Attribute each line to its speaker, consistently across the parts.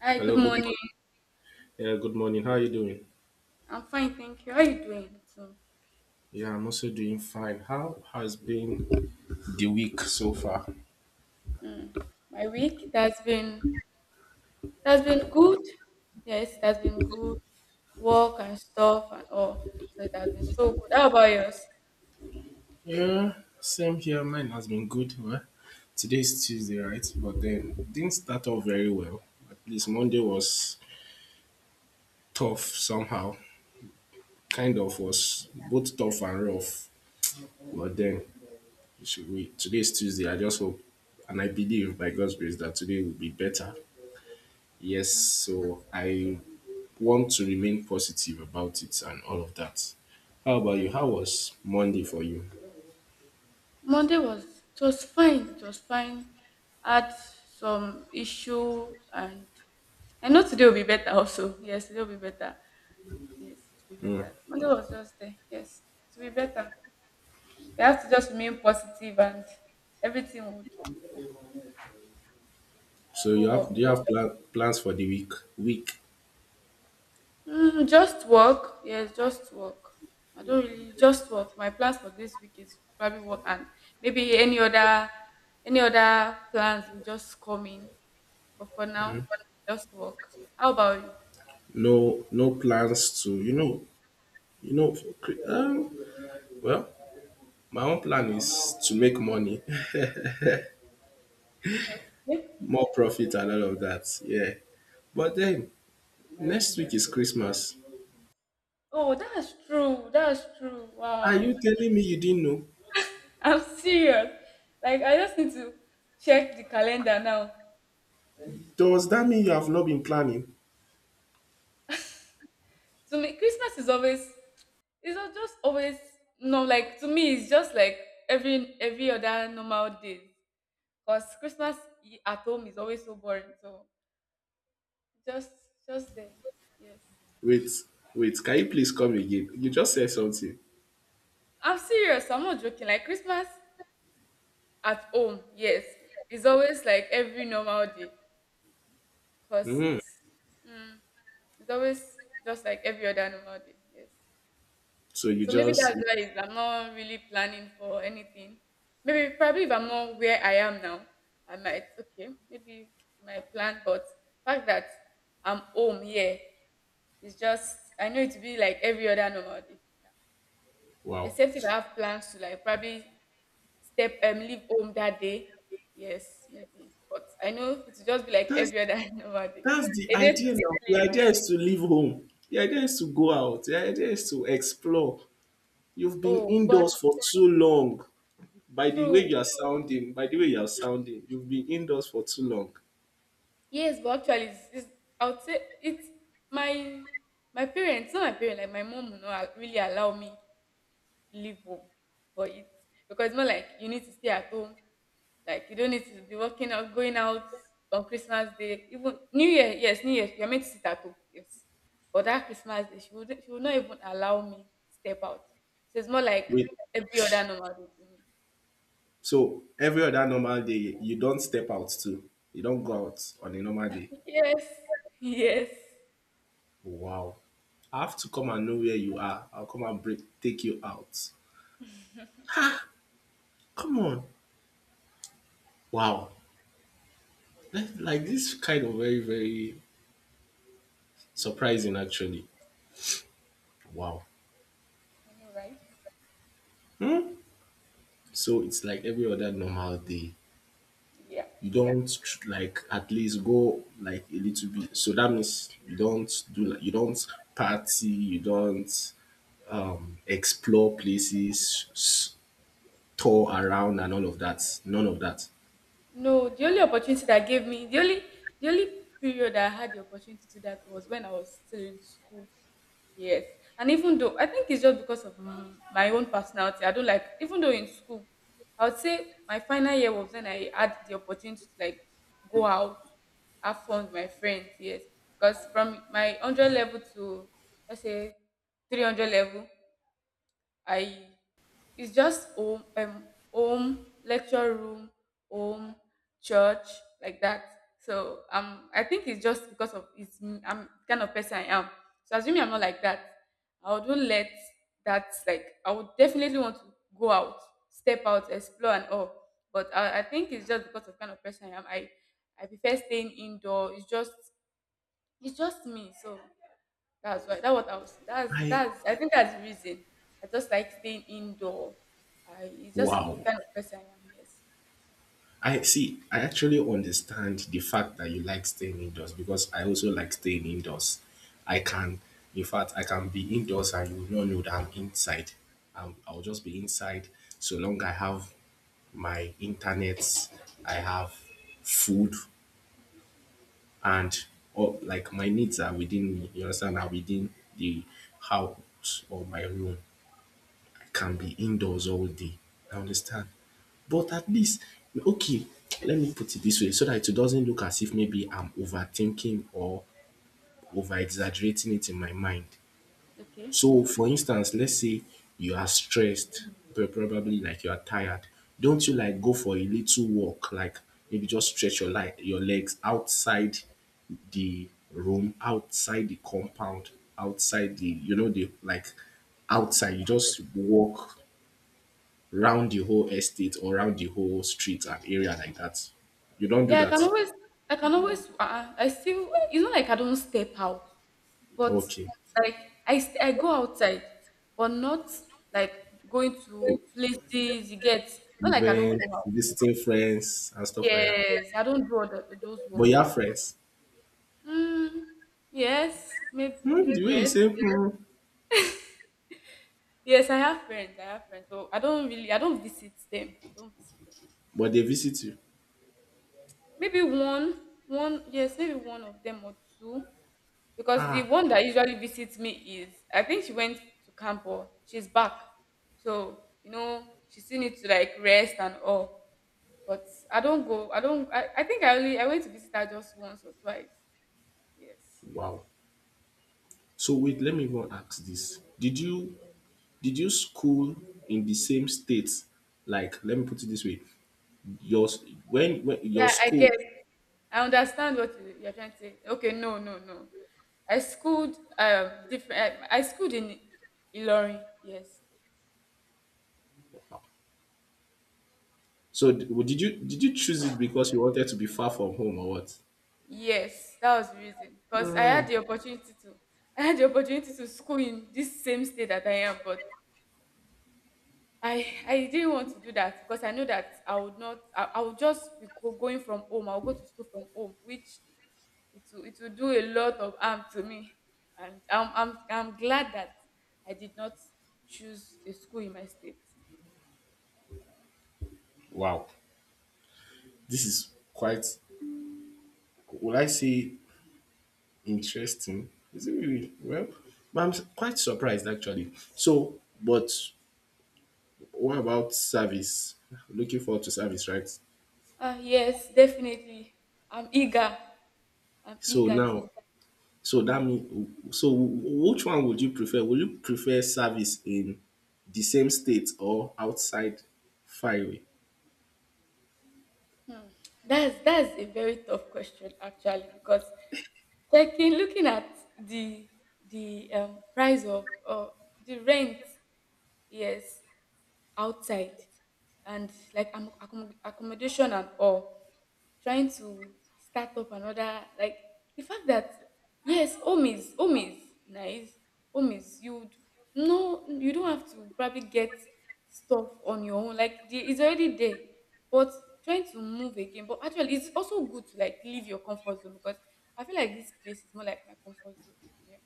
Speaker 1: Hi, good
Speaker 2: Hello, good
Speaker 1: morning.
Speaker 2: morning. Yeah, good morning. How are you doing?
Speaker 1: I'm fine, thank you. How are you doing?
Speaker 2: Yeah, I'm also doing fine. How has been the week so far?
Speaker 1: Hmm, my week that's been good. Yes, that's been good. Work and stuff and all. So it has been so good. How about yours?
Speaker 2: Yeah, same here. Mine has been good. Well, today is Tuesday, right? But then didn't start off very well. At least Monday was tough somehow. Kind of was both tough and rough. But then today is Tuesday. I just hope and I believe by God's grace that today will be better. Yes, so I want to remain positive about it and all of that. How about
Speaker 1: Yeah.
Speaker 2: you? How was Monday for you?
Speaker 1: Monday was it was fine. It was fine. Had some issue and I know today will be better also. Yes, today will be better. Yes, it will be
Speaker 2: Mm.
Speaker 1: better. Monday was just there. Yes, it will be better. We have to just remain positive and everything would. To
Speaker 2: So
Speaker 1: go
Speaker 2: you have
Speaker 1: well?
Speaker 2: do you have plans for the week?
Speaker 1: Just work. Yes, just work. I don't really just work. My plans for this week is probably work and maybe any other plans will just come in. But for now, just work. How about you?
Speaker 2: No, no plans to you know. cre- Um, well, my own plan is to make money,
Speaker 1: Yeah. Yeah.
Speaker 2: more profit, and all of that. Yeah. But then next week is Christmas.
Speaker 1: Oh, that's true. That's true.
Speaker 2: Are
Speaker 1: Wow.
Speaker 2: you telling me you didn't know?
Speaker 1: I'm serious. Like I just need to check the calendar now.
Speaker 2: Does that mean you have not been planning?
Speaker 1: To me, Christmas is always, just always, no, like to me it's just like every other normal day. Because Christmas, at home is always so boring, so just just there, yes.
Speaker 2: Wait, wait. Can you please come again? You just said something.
Speaker 1: I'm serious, I'm not joking. Like Christmas at home, yes, it's always like every normal day because
Speaker 2: Mm.
Speaker 1: mm, it's always just like every other normal day, yes.
Speaker 2: So you
Speaker 1: So maybe
Speaker 2: just.
Speaker 1: that's why I'm not really planning for anything. Maybe probably if I'm not where I am now, I might okay, maybe my plan, but fact that I'm home here is just I know it will be like every other normal day.
Speaker 2: Wow.
Speaker 1: Except if I have plans to like probably step leave home that day. Yes, maybe. But I know it will just be like
Speaker 2: That's
Speaker 1: every other normal day.
Speaker 2: that's the
Speaker 1: A day to
Speaker 2: idea now.
Speaker 1: sleep.
Speaker 2: The idea is to leave home. The idea is to go out. The idea is to explore. You've been
Speaker 1: Oh,
Speaker 2: indoors
Speaker 1: but
Speaker 2: for too long. By the way
Speaker 1: true.
Speaker 2: you are sounding, by the way you are sounding, you've been indoors for too long.
Speaker 1: Yes, but actually, I would say it's my my parents, not my parents, like my mom will not really allow me leave home for it because it's not like you need to stay at home, like you don't need to be working out, going out on Christmas Day, even New Year. Yes, New Year, you're meant to sit at home. Yes, but that Christmas Day, she would not even allow me step out. So it's more like
Speaker 2: Wait.
Speaker 1: every other normal day to
Speaker 2: So every other normal day, you don't step out too. You don't go out on a normal
Speaker 1: me.
Speaker 2: day.
Speaker 1: Yes, yes,
Speaker 2: Wow. I have to come and know where you are. I'll come and take you out. Come on. Wow. Like this kind of very, very surprising actually. Wow.
Speaker 1: I know, right?
Speaker 2: So it's like every other normal day.
Speaker 1: Yeah.
Speaker 2: You don't like at least go like a little bit. So that means you don't do like you don't party, you don't explore places, tour around and all of that. None of that.
Speaker 1: No, the only opportunity that gave me, the only period that I had the opportunity to that was when I was still in school. Yes, and even though I think it's just because of my own personality, I don't like. Even though in school, I would say my final year was when I had the opportunity to like go out, have fun with my friends. Yes, because from my 100 level to let's say 300 level, I it's just home, home, lecture room, home, church, like that. So I think it's just because of am the kind of person I am. So assuming I'm not like that, I wouldn't let that like I would definitely want to go out, step out, explore and all. But I think it's just because of kind of person I am. I prefer staying indoor. It's just me. So that's why that what I was that's
Speaker 2: I
Speaker 1: that's I think that's the reason. I just like staying indoor. I it's just the
Speaker 2: wow.
Speaker 1: kind of person I am, yes.
Speaker 2: I see, I actually understand the fact that you like staying indoors because I also like staying indoors. I can, in fact, I can be indoors and you will not know that I'm inside. I'll just be inside so long I have my internet, I have food, and or like my needs are within me. You understand? Are within the house or my room can
Speaker 1: Yeah.
Speaker 2: be indoors all day. I understand. But at least, okay, let me put it this way so that it doesn't look as if maybe I'm overthinking or over exaggerating it in my mind.
Speaker 1: Okay.
Speaker 2: So, for instance, let's say you are stressed, probably like you are tired. Don't you like go for a little walk, like maybe just stretch your legs outside the room, outside the compound, outside the outside. You just walk round the whole estate or round the whole street and area like that. You don't do
Speaker 1: Yeah, I
Speaker 2: that.
Speaker 1: can always I still it's not like I don't step out, but
Speaker 2: Okay.
Speaker 1: like I go outside, but not like going to places you get. Not like I don't
Speaker 2: Events,
Speaker 1: go out.
Speaker 2: visiting friends and stuff like that.
Speaker 1: Yes, I don't do all the, those
Speaker 2: But you
Speaker 1: ones.
Speaker 2: have friends.
Speaker 1: Mm, yes,
Speaker 2: Hmm,
Speaker 1: maybe
Speaker 2: the way you
Speaker 1: yes.
Speaker 2: say, hmm,
Speaker 1: Yes, I have friends. I have friends, but I don't really. I don't visit them. I don't visit them.
Speaker 2: but they visit you.
Speaker 1: Maybe one, one. Yes, maybe one of them or two. Because the
Speaker 2: Ah,
Speaker 1: one that usually visits me is, I think she went to camp or she's back. So you know, she still needs to like rest and all. But I don't go. I don't. I think I only I went to visit her just once or twice. Yes.
Speaker 2: wow. So wait, let me even ask this. Did you school in the same state? Like, let me put it this way. Your s- when your
Speaker 1: Yeah, I
Speaker 2: school.
Speaker 1: guess. I understand what you're trying to say. Okay, no, no, no. I schooled different. I schooled in Ilorin. Yes,
Speaker 2: So did you choose it because you wanted to be far from home or what?
Speaker 1: yes, that was the reason. Because I
Speaker 2: Hmm.
Speaker 1: had the opportunity to, I had the opportunity to school in this same state that I am, but I didn't want to do that because I know that I would not. I would just be going from home. I'll go to school from home, which it will do a lot of harm to me. And I'm glad that I did not choose a school in my state.
Speaker 2: Wow. This is quite, would I say interesting? Is it really? Well, but I'm quite surprised actually. So, but what about service? Looking forward to service, right?
Speaker 1: Yes, definitely. I'm eager. I'm
Speaker 2: So
Speaker 1: eager
Speaker 2: now,
Speaker 1: to.
Speaker 2: so that means, so which one would you prefer? Would you prefer service in the same state or outside far away?
Speaker 1: Hmm. That's a very tough question actually because checking, looking at the the price of the rent, yes, outside and like accommodation and all, trying to start up another like the fact that yes home is nice, home is no you don't have to probably get stuff on your own like the, it's already there but trying to move again, but actually it's also good to like leave your comfort zone because I feel like this place is more like my comfort zone, yeah,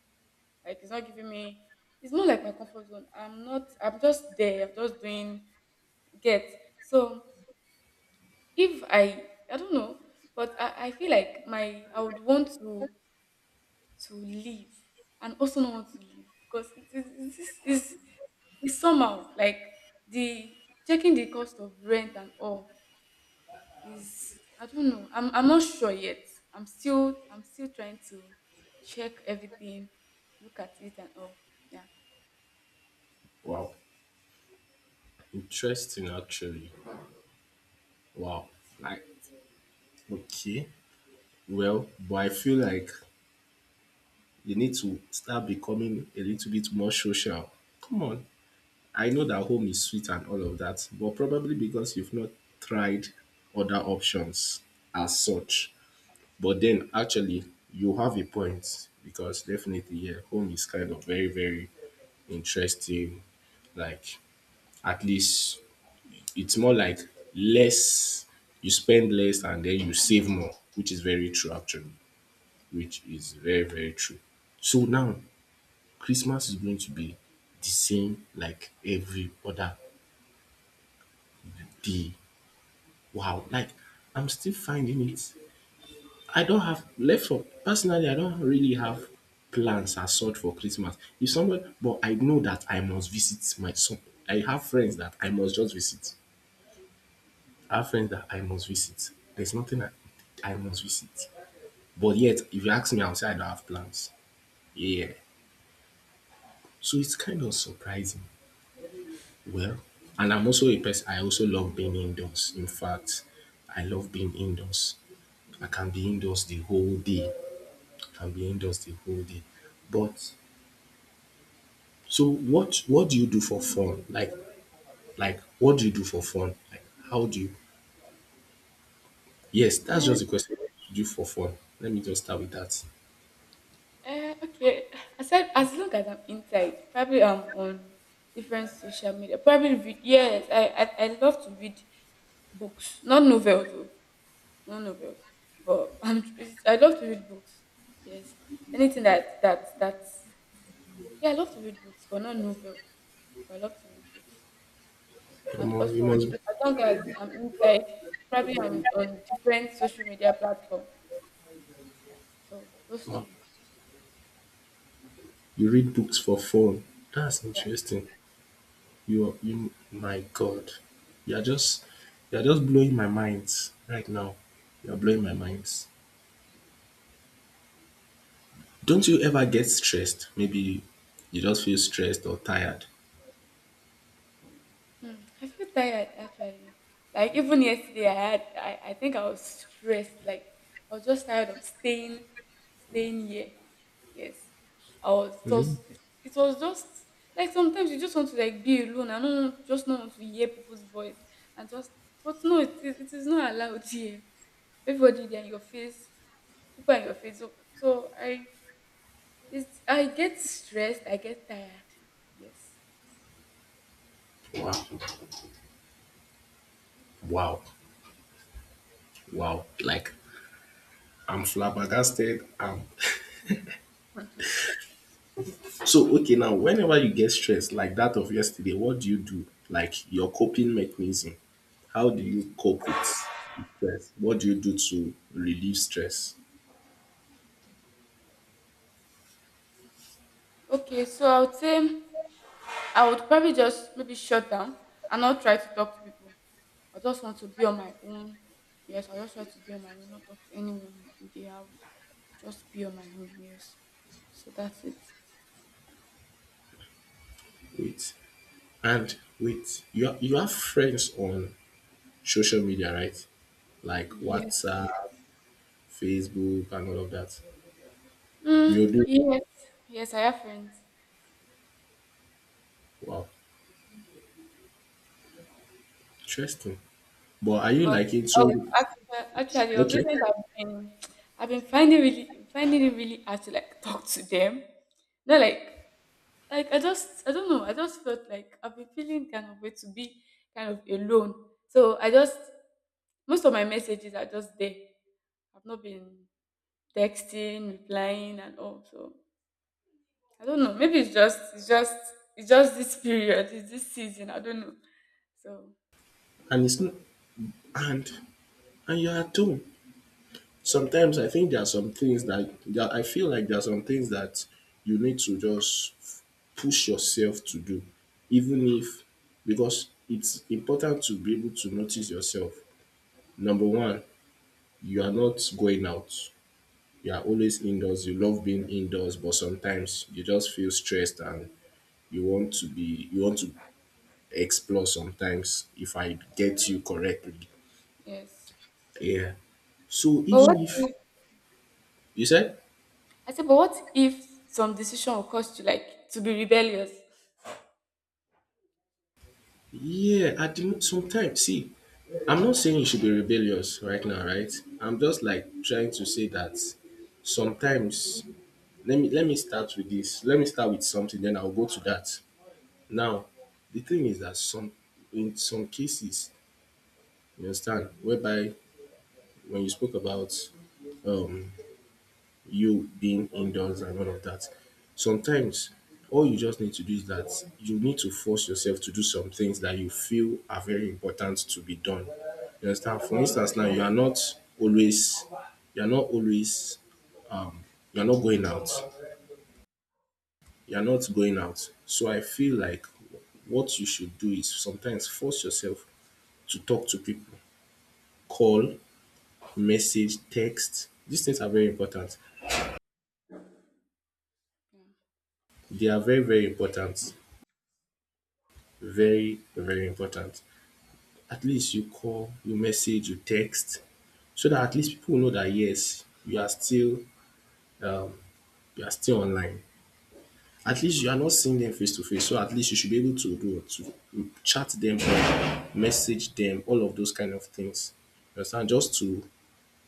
Speaker 1: like it's not giving me, it's more like my comfort zone, I'm not I'm just there I'm just doing get, so if I don't know but I feel like my I would want to leave and also not want to leave because it is this is somehow like the checking the cost of rent and all is I don't know I'm not sure yet, I'm still trying to check everything, look at it and all, yeah,
Speaker 2: Wow, interesting actually. Wow, like okay, well, but I feel like you need to start becoming a little bit more social. Come on. I know that home is sweet and all of that, but probably because you've not tried other options as such. But then actually, you have a point because definitely, yeah, home is kind of very, very interesting. Like, at least it's more like less, you spend less and then you save more, which is very true, actually, which is very, very true. So now, Christmas is going to be the same like every other day. Wow,
Speaker 1: yeah.
Speaker 2: like I'm still finding it. I don't have left for personally, I don't really have plans as such for Christmas. If somebody but I know that I must visit my some I have friends that I must just visit. I have friends that I must visit. There's nothing I must visit. But yet if you ask me, I'll say I don't have plans. Yeah. So it's kind of surprising. Well. And I'm also a person, I also love being indoors. In fact, I love being indoors. I can be indoors the whole day. I can be indoors the whole day. But so what do you do for fun? Like what do you do for fun? Like how do you yes, that's just the question. What do you do for fun? Let me just start with that.
Speaker 1: Okay. I said as long as I'm inside, probably I'm on different social media. Probably read, yes, I love to read books, not novels, though. Not novels, but I'm I love to read books. Yes, anything that that's yeah, I love to read books, but not novels. But I love to read books, and
Speaker 2: Omo,
Speaker 1: also as long as I'm inside, probably I'm on different social media platform. So those
Speaker 2: uh,
Speaker 1: two,
Speaker 2: you read books for fun. That's
Speaker 1: yeah.
Speaker 2: interesting. You, my God. You're just you're just blowing my mind right now. You're blowing my mind. Don't you ever get stressed? Maybe you just feel stressed or tired.
Speaker 1: Hmm, I feel tired actually. Like even yesterday, I had I think I was stressed. Like I was just tired of staying here. Yes, I was just was just like sometimes you just want to like be alone. I don't just not want to hear people's voice and just but no, it is not allowed here. Everybody they are in your face. People are in your face. So, so I it's I get stressed. I get tired. Yes.
Speaker 2: Wow. Wow. Wow. Like I'm flabbergasted. So, okay, now whenever you get stressed like that of yesterday, what do you do? Like your coping mechanism. How do you cope with stress? What do you do to relieve stress?
Speaker 1: Okay, so I would say. I would probably just maybe shut down and not try to talk to people. I just want to be on my own. Yes, I just try to be on my own, not talk to anyone in the house. Just be on my own. Yes. So that's it.
Speaker 2: Wait. And with you, you have friends on social media, right? Like
Speaker 1: Yes.
Speaker 2: WhatsApp, Facebook, and all of that. You do.
Speaker 1: Yes. Yes, I have friends.
Speaker 2: Wow, interesting. But are you
Speaker 1: But
Speaker 2: like
Speaker 1: oh,
Speaker 2: into?
Speaker 1: actually, actually, of
Speaker 2: Okay,
Speaker 1: recent I've been finding really finding it really hard to like talk to them. Not like like I just I don't know. I just felt like I've been feeling kind of way to be kind of alone. So I just most of my messages are just there. I've not been texting, replying and all. So I don't know. Maybe it's just it's just this period, it's this season. I don't know. So
Speaker 2: and it's not, and and you are too. Sometimes I think there are some things that I feel like there are some things that you need to just push yourself to do, even if, because it's important to be able to notice yourself. Number one, you are not going out, you are always indoors, you love being indoors, but sometimes you just feel stressed and you want to explore sometimes, if I get you correctly,
Speaker 1: yes.
Speaker 2: yeah. So
Speaker 1: But
Speaker 2: even
Speaker 1: what
Speaker 2: if
Speaker 1: if
Speaker 2: you said,
Speaker 1: I said but what if some decision will cost you like to be rebellious?
Speaker 2: yeah, at the sometimes, see, I'm not saying you should be rebellious right now, right? I'm just like trying to say that sometimes. Let me start with this. Let me start with something, then I'll go to that. Now, the thing is that some in some cases, you understand? Whereby when you spoke about um, you being indoors and all of that, sometimes all you just need to do is that you need to force yourself to do some things that you feel are very important to be done. You understand? For instance, now you are not always, you are not always, um, you are not going out. You are not going out. So I feel like what you should do is sometimes force yourself to talk to people, call, message, text. These things are very important. They are very, very important. Very, very important. At least you call, you message, you text, so that at least people know that, yes, um you are still online. At least you are not seeing them face to face. So at least you should be able to do to chat them, message them, all of those kind of things. You understand? Just to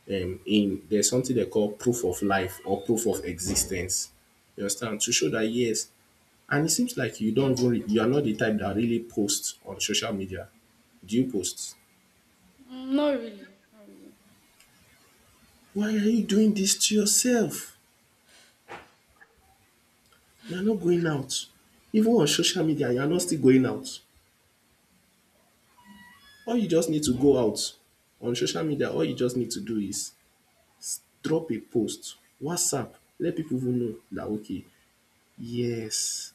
Speaker 2: in there's something they call proof of life or proof of existence. You understand? To show that, yes, and it seems like you don't even, you are not the type that really posts on social media. Do you post?
Speaker 1: Not really. Not really.
Speaker 2: Why are you doing this to yourself? You are not going out. Even on social media, you are not still going out. All you just need to go out on social media, all you just need to do is drop a post, WhatsApp, let people even know that, okay, yes.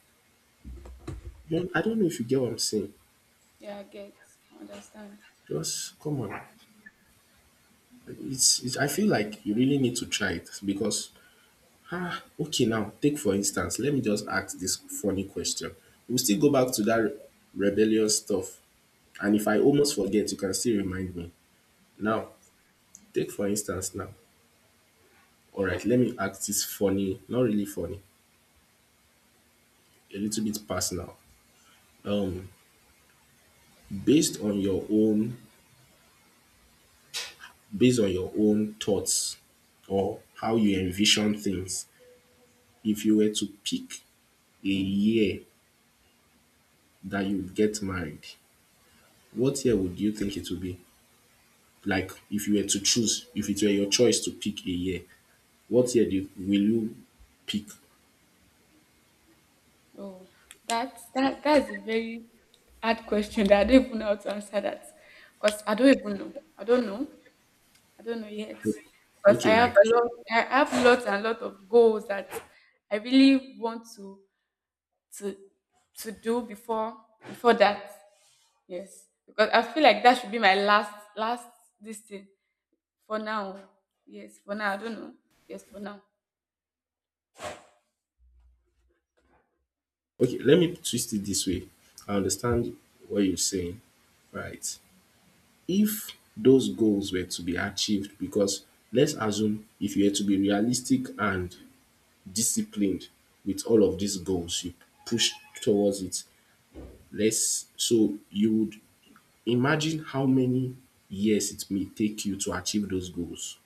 Speaker 2: You know, I don't know if you get what I'm saying.
Speaker 1: Yeah, I get. I understand.
Speaker 2: Just come on. It's, I feel like you really need to try it because, ah, okay, now, take for instance, let me just ask this funny question. We'll still go back
Speaker 1: Okay.
Speaker 2: to that rebellious stuff. And if I
Speaker 1: Okay.
Speaker 2: almost forget, you can still remind me.
Speaker 1: All
Speaker 2: Now,
Speaker 1: right.
Speaker 2: take for instance now. All right, let me ask this funny, not really funny, a little bit personal. Um, based on your own, based on your own, thoughts or how you envision things, if you were to pick a year that you would get married, what year would you think it would be? Like, if you were to choose, if it were your choice to pick a year, what year do you, will you pick?
Speaker 1: Oh, that that's a very hard question that I don't even know how to answer that. Because I don't even know. I don't know. I don't know yet. Because I
Speaker 2: Okay, like
Speaker 1: have lot I have lots and lot of goals that I really want to to to do before before that. Yes. Because I feel like that should be my last this thing for now. Yes, for now. I don't know. Yes, for now.
Speaker 2: okay, let me twist it this way. I understand what you're saying, right? If those goals were to be achieved, because let's assume if you were to be realistic and disciplined with all of these goals, you push towards it. Let's so you would imagine how many years it may take you to achieve those goals.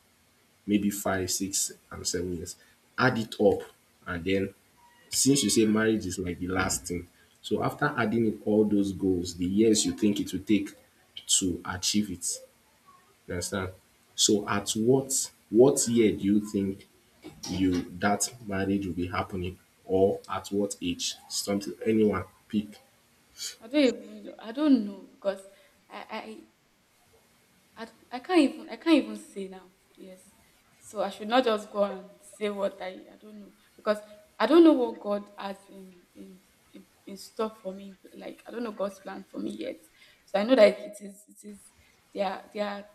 Speaker 2: Maybe five, 6, and 7 years. Add it up, and then since you say marriage is like the last thing, so after adding up all those goals, the years you think it will take to achieve it, you understand? So at what year do you think you that marriage will be happening, or at what age? Something anyone pick.
Speaker 1: I don't even know. I don't know because I, I don't, I can't even say now. Yes. So I should not just go and say what I don't know because I don't know what God has in in store for me. Like I don't know God's plan for me yet. So I know that it is there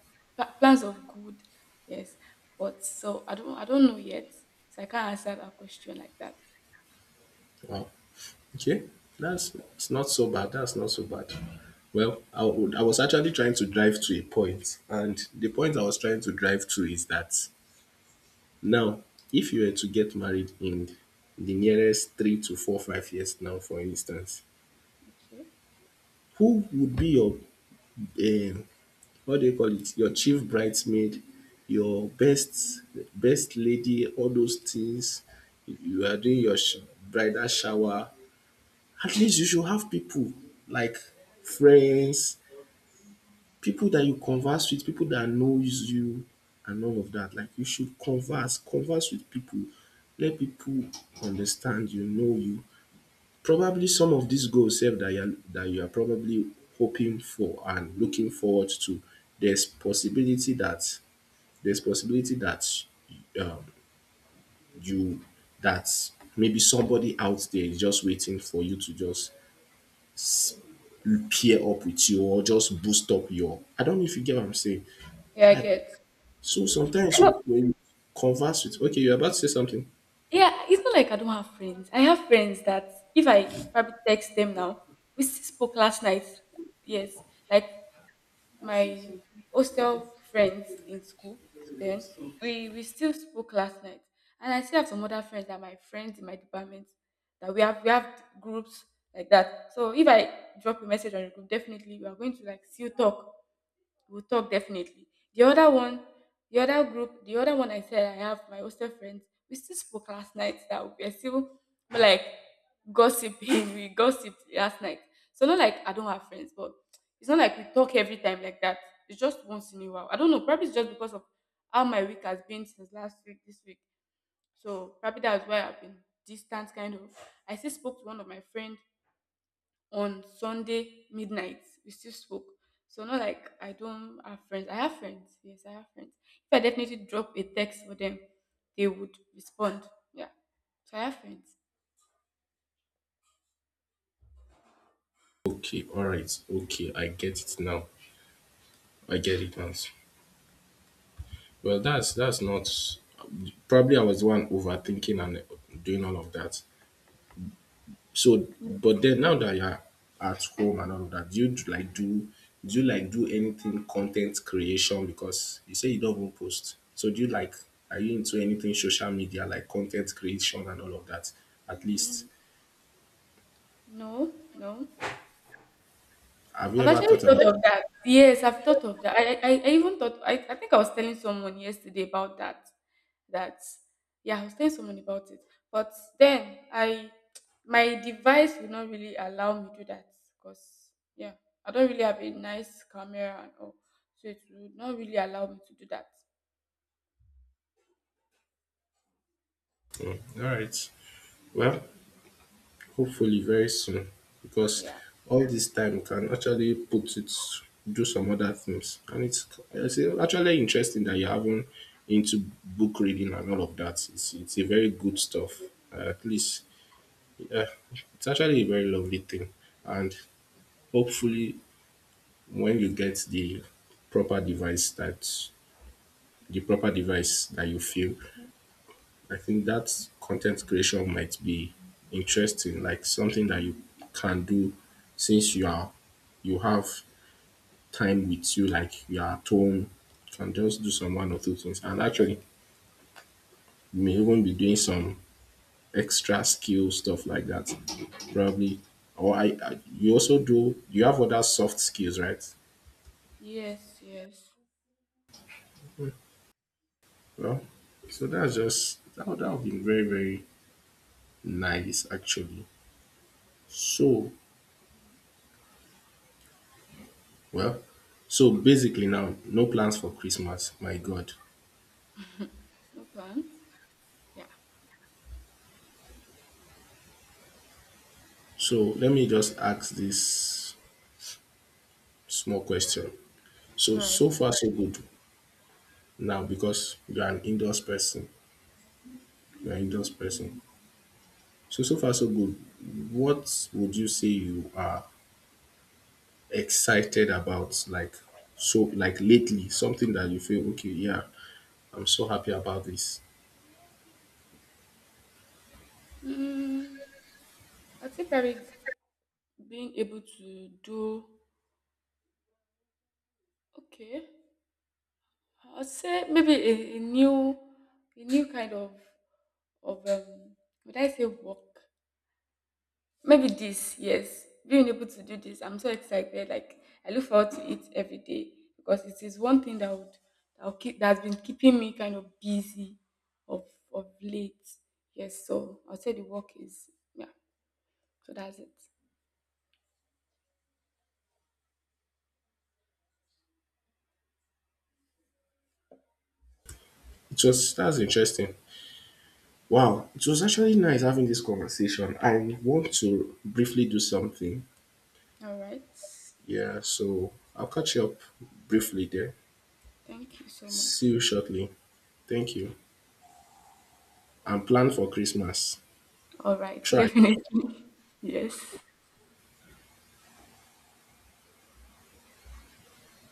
Speaker 1: plans of good. Yes. But so I don't know yet. So I can't answer that question like that.
Speaker 2: Wow. Okay. That's it's not so bad. That's not so bad. Well, I was actually trying to drive to a point, and the point I was trying to drive to is that now, if you were to get married in the nearest three to four, 5 years now, for instance,
Speaker 1: Okay.
Speaker 2: who would be your, um, what do you call it, your chief bridesmaid, your best lady, all those things. You are doing your bridal shower. At least you should have people like friends, people that you converse with, people that knows you and all of that. Like you should converse with people, let people understand you, know you. Probably some of these goals sef that you are probably hoping for and looking forward to, there's possibility that there's possibility that um you that maybe somebody out there is just waiting for you to just pair up with you or just boost up your. I don't know if you get what I'm saying.
Speaker 1: Yeah, I
Speaker 2: Like
Speaker 1: get.
Speaker 2: so sometimes when you converse with, okay, you're about to say something.
Speaker 1: Yeah, it's not like I don't have friends. I have friends that if I probably text them now, we still spoke last night. Yes, like my hostel friends in school. Then we still spoke last night, and I still have some other friends that are my friends in my department that we have groups like that. So if I drop a message on the group, definitely we are going to like still talk. We'll talk definitely. The other one, the other group, the other one I said I have my hostel friends. We still spoke last night that we are still like gossiping. We gossiped last night. So not like I don't have friends, but it's not like we talk every time like that. It's just once in a while. I don't know. Probably it's just because of how my week has been since last week, this week. So probably that's why I've been distant kind of. I still spoke to one of my friends on Sunday midnight. We still spoke. So not like I don't have friends. I have friends. Yes, I have friends. If I definitely drop a text for them, they would respond. Yeah. So I have friends.
Speaker 2: Okay, all right, okay, I get it now. I get it now. Well, that's not, probably I was the one overthinking and doing all of that. So, but then now that you're at home and all of that, do like do you like do anything content creation? Because you say you don't even post. So do you like, are you into anything social media like content creation and all of that? At least
Speaker 1: Mm, no, no.
Speaker 2: have you
Speaker 1: I've
Speaker 2: ever
Speaker 1: actually
Speaker 2: thought about
Speaker 1: thought
Speaker 2: it?
Speaker 1: of that. Yes, I've thought of that. I even thought, I think I was telling someone yesterday about that. That, yeah, I was telling someone about it. But then I, my device would not really allow me to do that because, yeah, I don't really have a nice camera and all. So it would not really allow me to do that.
Speaker 2: All right. Well, hopefully very soon, because
Speaker 1: Yeah.
Speaker 2: all this time can actually put it, do some other things. And it's actually interesting that you're having into book reading and all of that. It's a very good stuff. At least, yeah, it's actually a very lovely thing. And hopefully when you get the proper device that the proper device that you feel, I think that content creation might be interesting, like something that you can do since you are, you have time with you, like you are at home, you can just do some one or two things. And actually you may even be doing some extra skill stuff like that. Probably. Or I you also, do you have other soft skills, right?
Speaker 1: Yes, yes.
Speaker 2: Well, so that's just that would be very, very nice actually. So, well, so basically now, no plans for Christmas. My God.
Speaker 1: No plans. Yeah.
Speaker 2: So let me just ask this small question. So
Speaker 1: All right.
Speaker 2: so far so good now, because you are an indoors person. You are an indoors person. So so far so good. What would you say you are excited about? Like so like lately, something that you feel okay, yeah, I'm so happy about this.
Speaker 1: Mm, I'd say probably being able to do, okay. I would say maybe a new kind of of um would I say work? Maybe this, yes. Being able to do this, I'm so excited. Like I look forward to it every day because it is one thing that would that will keep that's been keeping me kind of busy of of late. Yes, so I'll say the work is yeah. So that's it.
Speaker 2: It was that's interesting. Wow, it was actually nice having this conversation. I want to briefly do something.
Speaker 1: All right.
Speaker 2: Yeah, so I'll catch you up briefly there.
Speaker 1: Thank you so
Speaker 2: See
Speaker 1: much.
Speaker 2: you shortly. Thank you. And plan for Christmas.
Speaker 1: All right,
Speaker 2: Try.
Speaker 1: definitely. Yes.